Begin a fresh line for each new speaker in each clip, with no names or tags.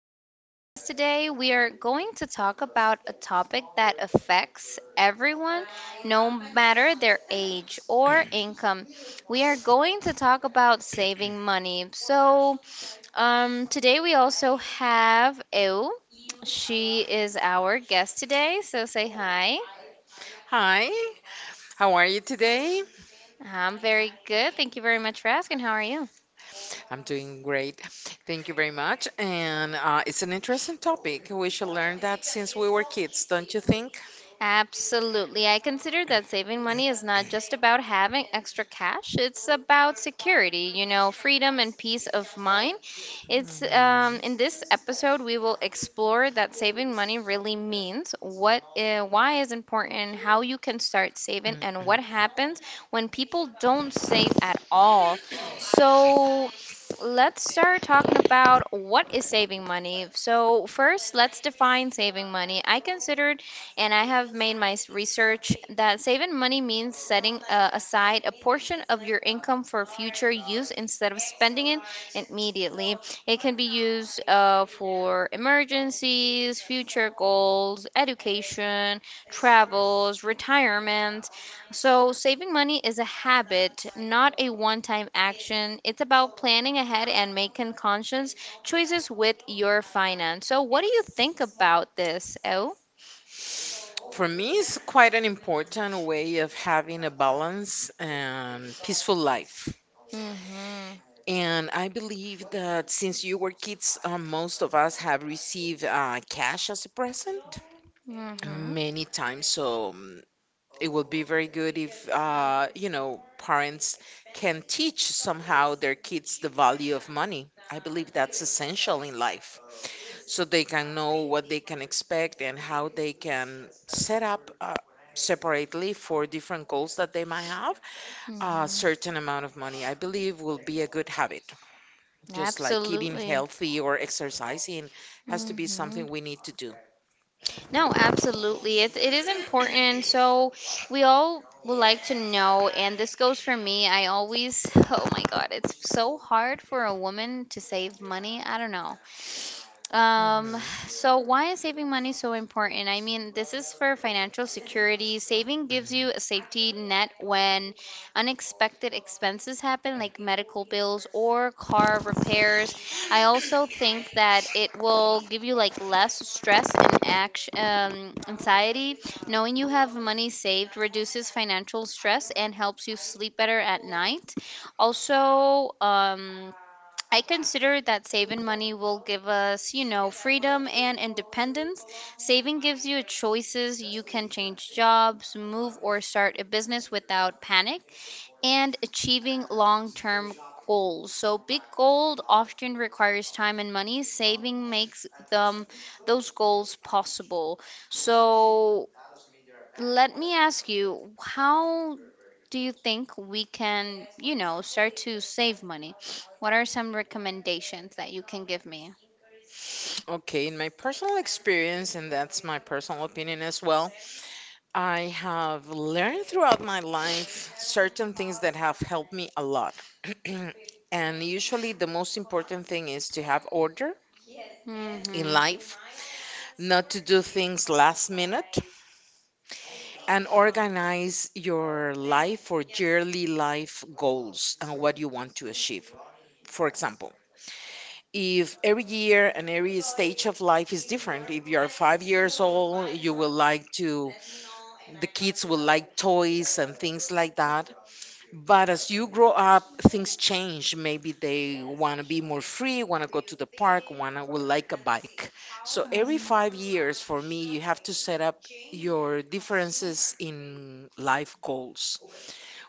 the podcast. Today, we are going to talk about a topic that affects everyone, no matter their age or income. We are going to talk about saving money. So, today we also have Eu. She is our guest today. So, say hi.
Hi, how are you today?
I'm very good. Thank you very much for asking. How are you?
I'm doing great. Thank you very much. And it's an interesting topic. We should learn that since we were kids, don't you think?
Absolutely. I consider that saving money is not just about having extra cash. It's about security, freedom and peace of mind. It's in
Mhm,
this episode we will explore that saving money really means, what why is important, how you can start saving and what
mhm.
happens when people don't save at all. So, let's start talking about what is saving money. So first, let's define saving money. I consider and I have made my research that saving money means setting aside a portion of your income for future use instead of spending it immediately. It can be used for emergencies, future goals, education, travels, retirement. So, saving money is a habit, not a one time action. It's about planning ahead and making conscious choices with your finance. So, what do you think about this, O?
For me, it's quite an important way of having a balance and peaceful life.
Mm-hmm.
And I believe that since you were kids, most of us have received cash as a present
Mm-hmm.
many times. So it will be very good if parents can teach somehow their kids the value of money. I believe that's essential in life, so they can know what they can expect and how they can set up separately for different goals that they might have. A
Mm-hmm.
certain amount of money, I believe, will be a good habit, just like eating
Absolutely.
healthy or exercising. Has to be
Mm-hmm.
something we need to do.
No, absolutely. It is important. So we all would like to know, and this goes for me. I always, oh my God, it's so hard for a woman to save money. I don't know. Um,
Mhm.
so why is saving money so important? I mean, this is for financial security. Saving gives you a safety net when unexpected expenses happen, like medical bills or car repairs. I also think that it will give you like less stress and anxiety. Knowing you have money saved reduces financial stress and helps you sleep better at night. Also, I consider that saving money will give us, freedom and independence. Saving gives you choices. You can change jobs, move, or start a business without panic, and achieving long term goals. So, big goals often requires time and money. Saving makes them those goals possible. So, let me ask you, how do you think we can, start to save money? What are some recommendations that you can give me?
Okay, in my personal experience, and that's my personal opinion as well, I have learned throughout my life certain things that have helped me a lot. And usually, the most important thing is to have order in
Hmm.
life, not to do things last minute, and organize your life or yearly life goals and what you want to achieve. For example, if every year and every stage of life is different, if you are 5 years old, you will like to, the kids will like toys and things like that. But as you grow up, things change. Maybe they want to be more free, want to go to the park, want to would like a bike. So every 5 years, for me, you have to set up your differences in life goals.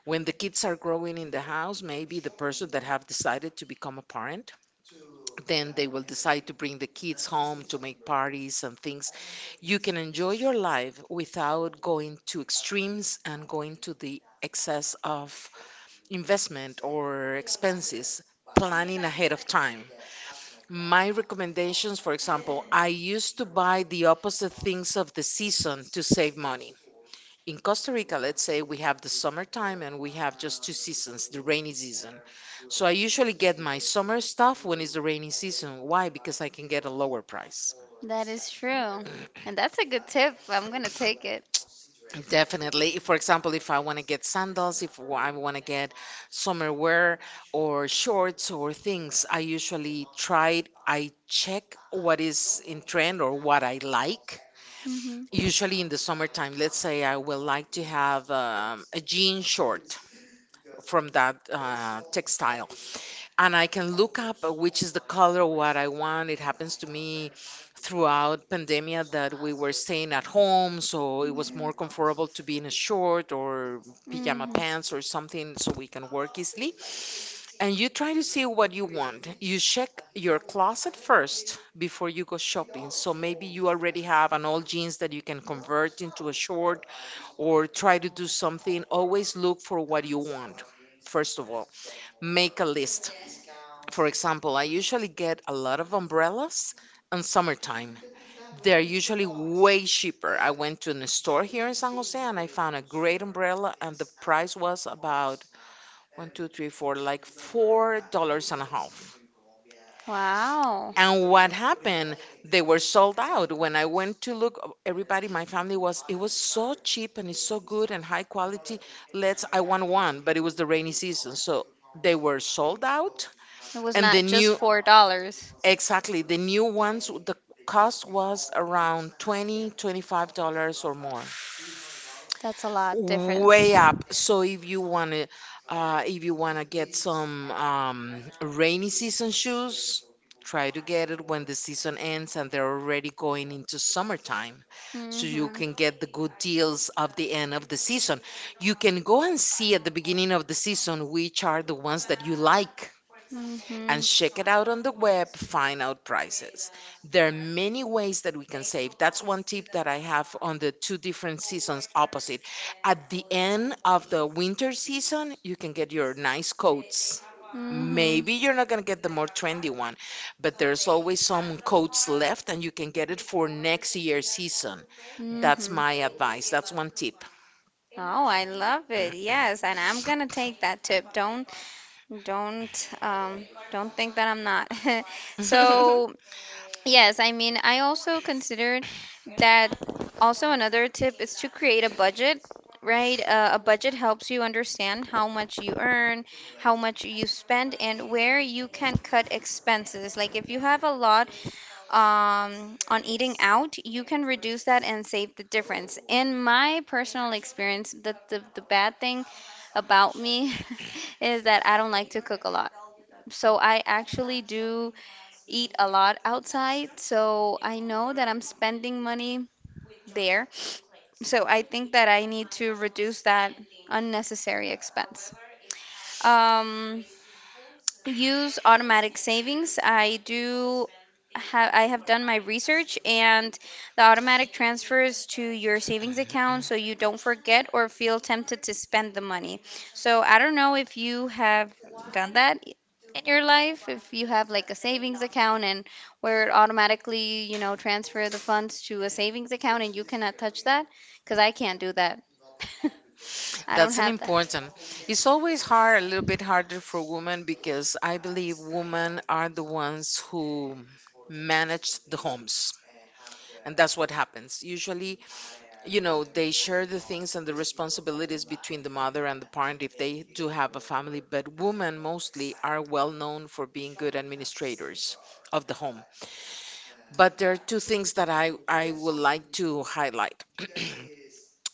When the kids are growing in the house, maybe the person that have decided to become a parent, then they will decide to bring the kids home to make parties and things. You can enjoy your life without going to extremes and going to the excess of investment or expenses, planning ahead of time. My recommendations, for example, I used to buy the opposite things of the season to save money. In Costa Rica, let's say we have the summertime, and we have just two seasons, the rainy season. So I usually get my summer stuff when it's the rainy season. Why? Because I can get a lower price.
That is true. And that's a good tip. I'm going to take it.
Definitely. If, for example, if I want to get sandals, if I want to get summer wear or shorts or things, I usually try, I check what is in trend or what I like.
Hmm.
Usually in the summertime, let's say I will like to have a jean short from that textile, and I can look up which is the color of what I want. It happens to me throughout pandemia that we were staying at home, so it was more
Hmm.
comfortable to be in a short or pajama
Hmm.
pants or something so we can work easily. And you try to see what you want. You check your closet first before you go shopping. So maybe you already have an old jeans that you can convert into a short, or try to do something. Always look for what you want. First of all, make a list. For example, I usually get a lot of umbrellas in summertime. They're usually way cheaper. I went to a store here in San Jose and I found a great umbrella, and the price was about one, two, three, four, like $4 and a half.
Wow.
And what happened? They were sold out. When I went to look, everybody, my family was, it was so cheap and it's so good and high quality. Let's, I want one, but it was the rainy season. So they were sold out
It was
and the
not just
new.
$4.
Exactly. The new ones, the cost was around 20, $25 or more.
That's a lot
Way
difference.
up. So if you want to, if you want to get some rainy season shoes, try to get it when the season ends and they're already going into summertime. So you
Mm-hmm.
can get the good deals of the end of the season. You can go and see at the beginning of the season which are the ones that you like, and
Mm-hmm.
check it out on the web, find out prices. There are many ways that we can save. That's one tip that I have on the two different seasons opposite. At the end of the winter season, you can get your nice coats.
Mm-hmm.
Maybe you're not going to get the more trendy one, but there's always some coats left and you can get it for next year's season. That's
Mm-hmm.
my advice. That's one tip.
Oh, I love it. Yes, and I'm gonna take that tip. Don't think that I'm not. So yes, I mean, I also considered that also another tip is to create a budget, right? A budget helps you understand how much you earn, how much you spend, and where you can cut expenses. Like if you have a lot on eating out, you can reduce that and save the difference. In my personal experience, the bad thing about me is that I don't like to cook a lot. So I actually do eat a lot outside, so I know that I'm spending money there. So I think that I need to reduce that unnecessary expense. Um, use automatic savings. I have done my research and the automatic transfers to your savings account so you don't forget or feel tempted to spend the money. So I don't know if you have done that in your life, if you have like a savings account and where it automatically, transfer the funds to a savings account and you cannot touch that because I can't do that. I don't
That's an
have that.
important. It's always hard, a little bit harder for women because I believe women are the ones who manage the homes. And that's what happens. Usually, you know, they share the things and the responsibilities between the mother and the parent if they do have a family. But women mostly are well known for being good administrators of the home. But there are two things that I would like to highlight.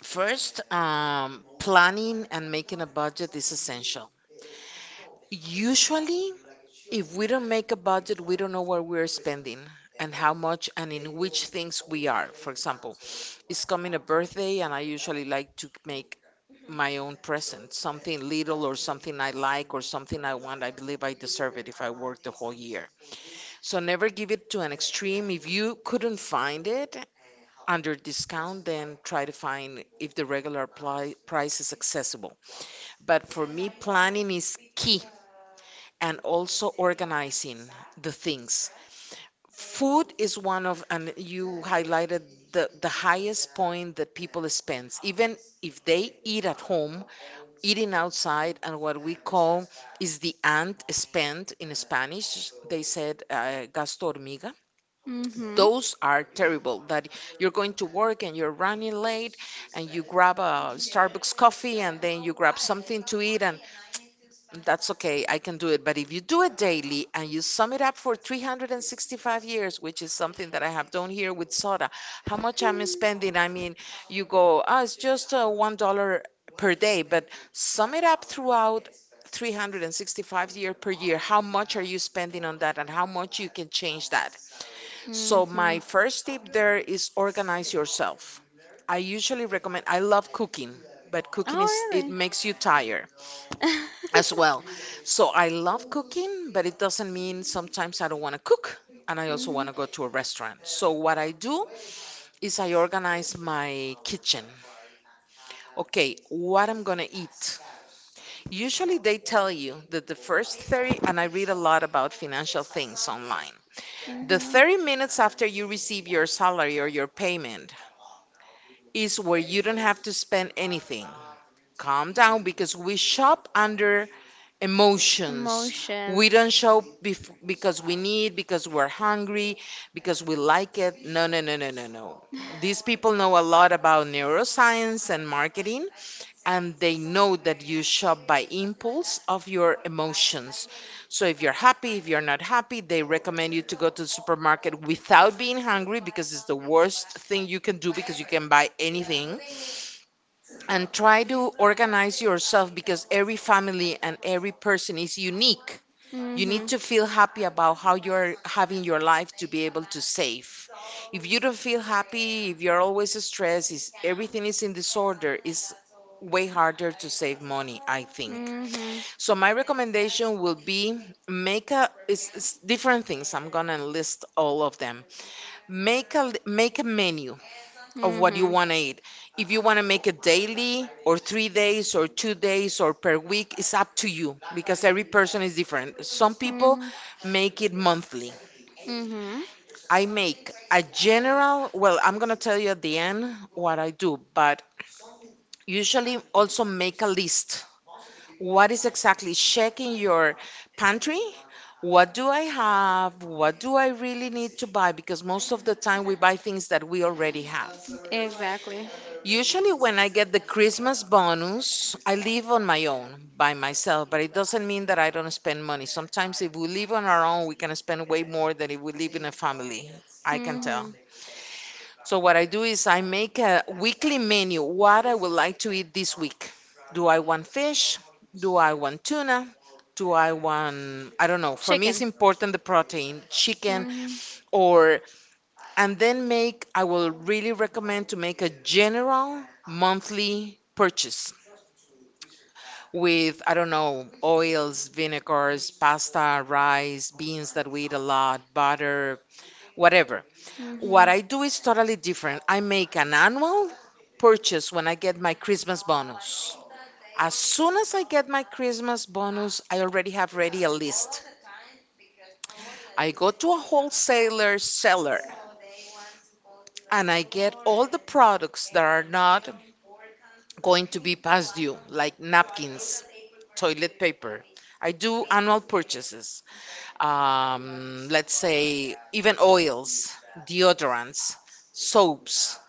First, planning and making a budget is essential. Usually, if we don't make a budget, we don't know what we're spending and how much and in which things we are. For example, it's coming a birthday, and I usually like to make my own present, something little or something I like or something I want. I believe I deserve it if I work the whole year. So never give it to an extreme. If you couldn't find it under discount, then try to find if the regular price is accessible. But for me, planning is key, and also organizing the things. Food is one of, and you highlighted the highest point that people spend. Even if they eat at home, eating outside, and what we call is the ant spend. In Spanish, they said gasto hormiga.
Mhm.
Those are terrible. That you're going to work and you're running late, and you grab a Starbucks coffee, and then you grab something to eat, and that's okay. I can do it. But if you do it daily and you sum it up for 365 years, which is something that I have done here with soda, how much I'm spending, I mean, you go, oh, it's just $1 per day, but sum it up throughout 365 year per year, how much are you spending on that and how much you can change that. So my
Mhm.
first tip there is organize yourself. I usually recommend, I love cooking, but cooking is,
Oh,
it
really?
makes you tired as well. So I love cooking, but it doesn't mean sometimes I don't want to cook, and I also want
Mhm,
to go to a restaurant. So what I do is I organize my kitchen. Okay, what I'm going to eat. Usually they tell you that the first 30, and I read a lot about financial things online. The
mhm.
30 minutes after you receive your salary or your payment is where you don't have to spend anything. Calm down, because we shop under emotions. We
Emotions.
don't show because we need, because we're hungry, because we like it. No, no, no, no, no, no. These people know a lot about neuroscience and marketing, and they know that you shop by impulse of your emotions. So if you're happy, if you're not happy, they recommend you to go to the supermarket without being hungry, because it's the worst thing you can do, because you can buy anything, and try to organize yourself because every family and every person is unique. You need
Mhm,
to feel happy about how you're having your life to be able to save. If you don't feel happy, if you're always stressed, is everything is in disorder, it's way harder to save money, I think.
mhm,
So my recommendation will be make a, it's different things. I'm gonna list all of them. Make a menu of what you
mhm,
want to eat. If you want to make it daily or 3 days or 2 days or per week, it's up to you because every person is different. Some people
mhm,
make it monthly.
mhm.
I make a general, well, I'm going to tell you at the end what I do, but usually also make a list. What is exactly checking your pantry? What do I have? What do I really need to buy? Because most of the time we buy things that we already have.
Exactly.
Usually, when I get the Christmas bonus, I live on my own by myself, but it doesn't mean that I don't spend money. Sometimes, if we live on our own, we can spend way more than if we live in a family. I can tell.
Mhm.
So, what I do is I make a weekly menu what I would like to eat this week. Do I want fish? Do I want tuna? Do I want, I don't know. For me, it's
Chicken.
important the protein, chicken,
Mhm,
or and then make I will really recommend to make a general monthly purchase with, I don't know, oils, vinegars, pasta, rice, beans that we eat a lot, butter, whatever. What
mhm,
I do is totally different. I make an annual purchase when I get my Christmas bonus. As soon as I get my Christmas bonus, I already have ready a list. I go to a wholesaler seller and I get all the products that are not going to be past due, like napkins, toilet paper. I do annual purchases, let's say, even oils, deodorants, soaps,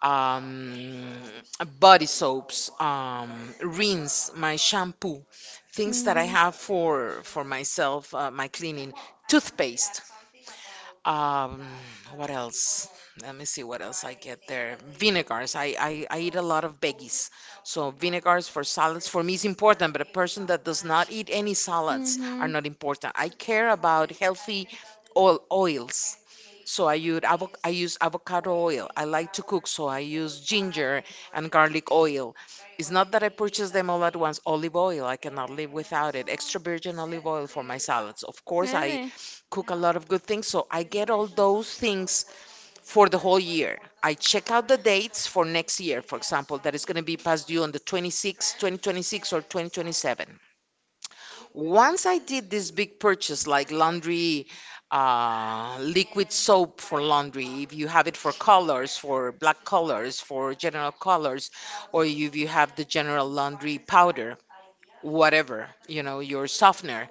um, body soaps, rinse, my shampoo, things that I
mhm.
have for myself, my cleaning, toothpaste. Um, what else? Let me see what else I get there. Vinegars. I eat a lot of veggies. So vinegars for salads for me is important, but a person that does not eat any salads are
Mhm.
not important. I care about healthy oils. So I use avocado oil. I like to cook, so I use ginger and garlic oil. It's not that I purchase them all at once. Olive oil, I cannot live without it. Extra virgin olive oil for my salads. Of course, I
Really?
cook a lot of good things. So I get all those things for the whole year. I check out the dates for next year, for example, that is going to be past due on the 26th, 20 26, 2026 or 2027. Once I did this big purchase like laundry, liquid soap for laundry, if you have it for colors, for black colors, for general colors, or if you have the general laundry powder, whatever, your softener.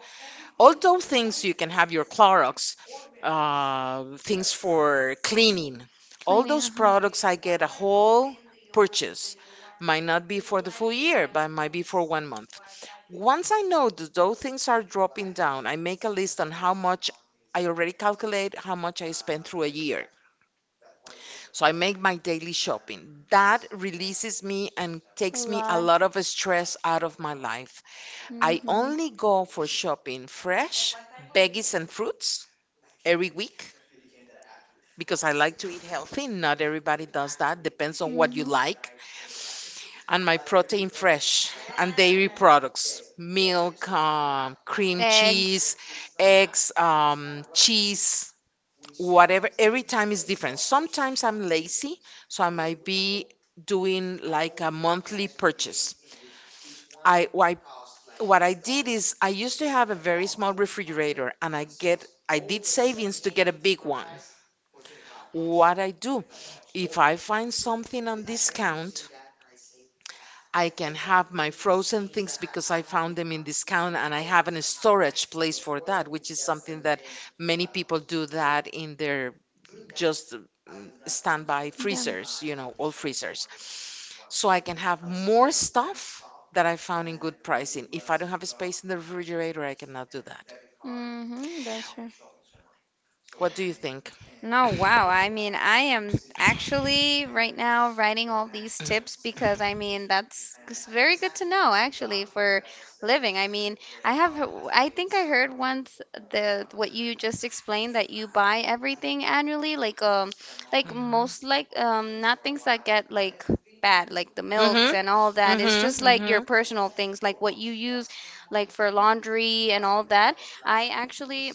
Although things you can have your Clorox, things for cleaning, all
Cleaning,
those
uh-huh.
products I get a whole purchase. Might not be for the full year, but might be for one month. Once I know that those things are dropping down, I make a list on how much. I already calculate how much I spend through a year. So I make my daily shopping. That releases me and
A
takes me a
lot.
lot of stress out of my life. I
Mm-hmm.
only go for shopping fresh veggies and fruits every week because I like to eat healthy. Not everybody does that. Depends on what you
Mm-hmm.
like. And my protein fresh and dairy products, milk, cream
Eggs.
cheese, eggs, cheese, whatever. Every time is different. Sometimes I'm lazy, so I might be doing like a monthly purchase. I What I did is I used to have a very small refrigerator, and I did savings to get a big one. What I do, if I find something on discount, I can have my frozen things because I found them in discount and I have a storage place for that, which is something that many people do that in their just standby
Them.
freezers, old freezers. So I can have more stuff that I found in good pricing. If I don't have a space in the refrigerator, I cannot do.
Mm-hmm. That's right.
What do you think?
No, wow. I mean, I am actually right now writing all these tips because I mean, that's it's very good to know actually for living. I mean, I think I heard once the what you just explained that you buy everything annually, like
Mm-hmm.
most like not things that get like bad, like the milks and all
Mm-hmm.
that. It's just like your
Mm-hmm.
personal things, like what you use like for laundry and all that. I actually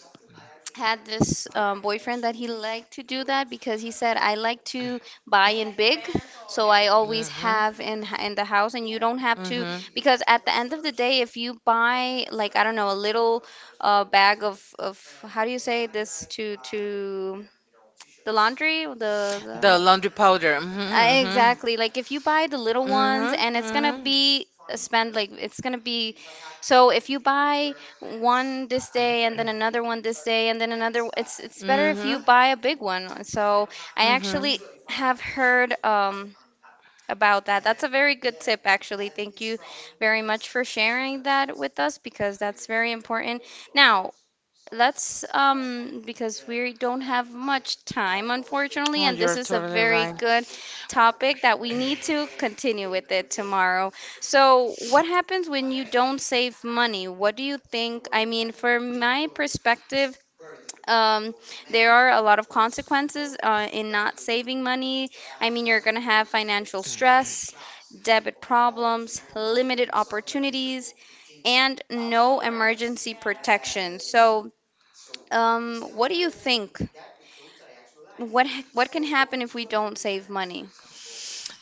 had this boyfriend that he liked to do that because he said I like to buy in big, so I always
Mm-hmm.
have in the house, and you don't have to
Mm-hmm.
because at the end of the day, if you buy like I don't know a little bag of how do you say this to the laundry the,
The laundry powder. Mm-hmm.
Exactly. Like if you buy the little ones and
Mm-hmm.
it's gonna
Mm-hmm.
be a spend like it's gonna be so if you buy one this day and then another one this day and then another it's better if you
Mm-hmm.
buy a big one. So I
Mm-hmm. Hmm.
actually have heard about that. That's a very good tip actually. Thank you very much for sharing that with us because that's very important. Now, let's because we don't have much time unfortunately
Oh,
and this
you're
is a
totally
very
right.
good topic that we need to continue with it tomorrow. So, what happens when you don't save money? What do you think? I mean, from my perspective, um, there are a lot of consequences in not saving money. I mean, you're going to have financial stress, debit problems, limited opportunities, and no emergency protection. So, what do you think? What can happen if we don't save money?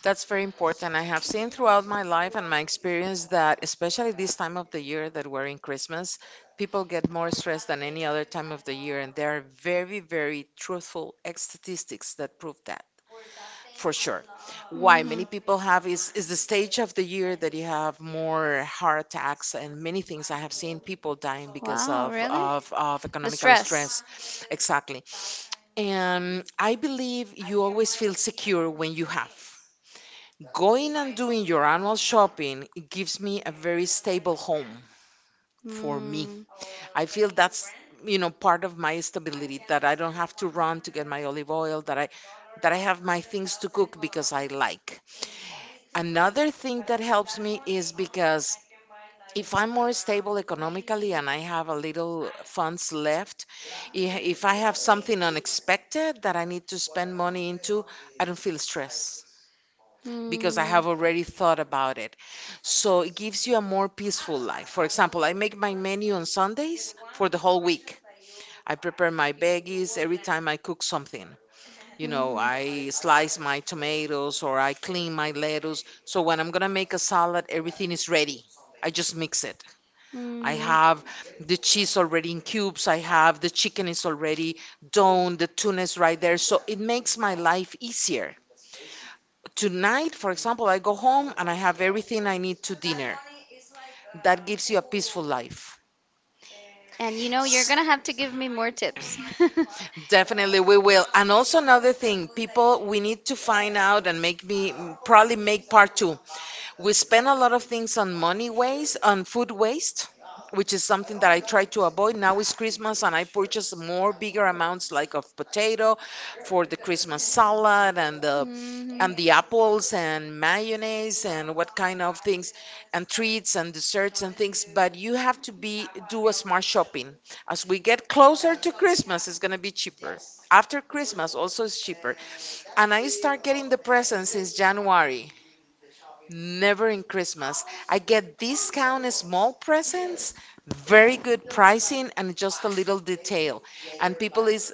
That's very important. I have seen throughout my life and my experience that, especially this time of the year that we're in Christmas, people get more stressed than any other time of the year. And there are very, very truthful statistics that prove that for sure. Why
Hmm.
many people have is the stage of the year that you have more heart attacks and many things. I have seen people dying because
Wow,
of,
really?
of, of
The
economical
stress.
stress. Exactly. And I believe you always feel secure when you have. Going and doing your annual shopping, it gives me a very stable home for me.
Mm,
I feel that's, part of my stability, that I don't have to run to get my olive oil, that I have my things to cook because I like. Another thing that helps me is because if I'm more stable economically and I have a little funds left, i- if I have something unexpected that I need to spend money into, I don't feel stress because I
mm,
have already thought about it. So it gives you a more peaceful life. For example, I make my menu on Sundays for the whole week. I prepare my veggies every time I cook something. You know,
hmm
I slice my tomatoes or I clean my lettuce. So when I'm gonna make a salad, everything is ready. I just mix it. I
hmm.
have the cheese already in cubes. I have the chicken is already done. The tuna is right there. So it makes my life easier. Tonight, for example, I go home and I have everything I need to dinner. That gives you a peaceful life.
And you're
S-
gonna have to give me more tips.
Definitely, we will. And also another thing, people, we need to find out and make me probably make part two. We spend a lot of things on money waste, on food waste, which is something that I try to avoid. Now it's Christmas and I purchase more bigger amounts, like of potato for the Christmas salad, and the and
Hmm.
the apples and mayonnaise and what kind of things and treats and desserts and things, but you have to be do a smart shopping. As we get closer to Christmas, it's going to be cheaper. After Christmas also is cheaper. And I start getting the presents since January. Never in Christmas. I get discount small presents, very good pricing, and just a little detail. And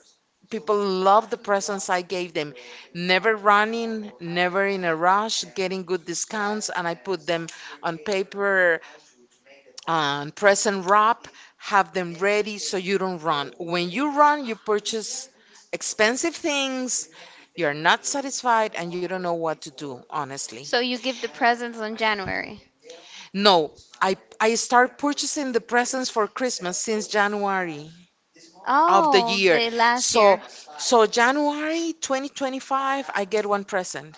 people love the presents I gave them. Never running, never in a rush, getting good discounts, and I put them on paper, on present wrap, have them ready so you don't run. When you run, you purchase expensive things, you're not satisfied, and you don't know what to do, honestly.
So you give the presents on January.
No, I start purchasing the presents for Christmas since January of the
Oh,
year.
the last
So
year.
so January 2025 I get one present.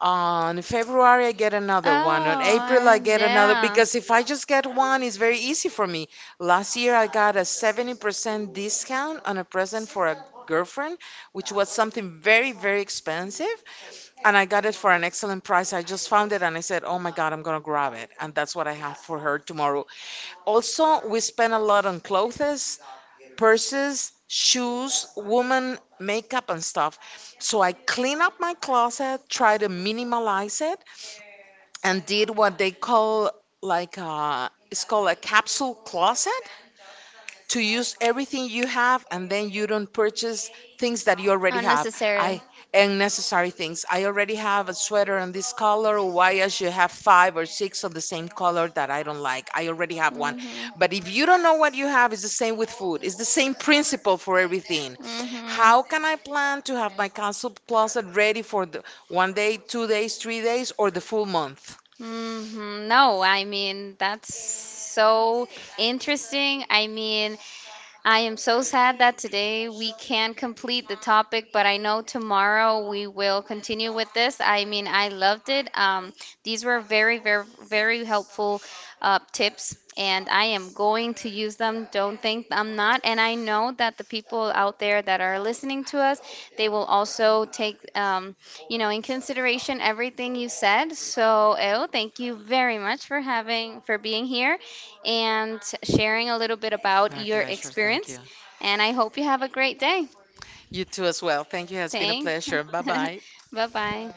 On February I get another one. On
Oh,
April I
and
get another
yeah,
because if I just get one it's very easy for me. Last year I got a 70% discount on a present for a girlfriend, which was something very very expensive. And I got it for an excellent price. I just found it and I said, oh my God, I'm going to grab it. And that's what I have for her tomorrow. Also, we spend a lot on clothes, purses, shoes, woman makeup, and stuff. So I clean up my closet, try to minimalize it, and did what they call, like a, it's called a capsule closet, to use everything you have and then you don't purchase things that you already have.
unnecessary.
I unnecessary things. I already have a sweater in this color. Why I should have five or six of the same color that I don't like? I already have one.
Mhm.
But if you don't know what you have, it's the same with food. It's the same principle for everything.
Mhm.
How can I plan to have my council closet ready for the one day, 2 days, 3 days, or the full month?
Mhm. No, I mean that's so interesting. I mean, I am so sad that today we can't complete the topic, but I know tomorrow we will continue with this. I mean, I loved it. These were very, very, very helpful tips, and I am going to use them. Don't think I'm not. And I know that the people out there that are listening to us, they will also take, in consideration everything you said. So, El, thank you very much for having, for being here and sharing a little bit about
My
your
pleasure, thank you.
experience. And I hope you have a great day.
You too as well, thank you. It has been a
Thanks.
pleasure. Bye bye.
Bye bye.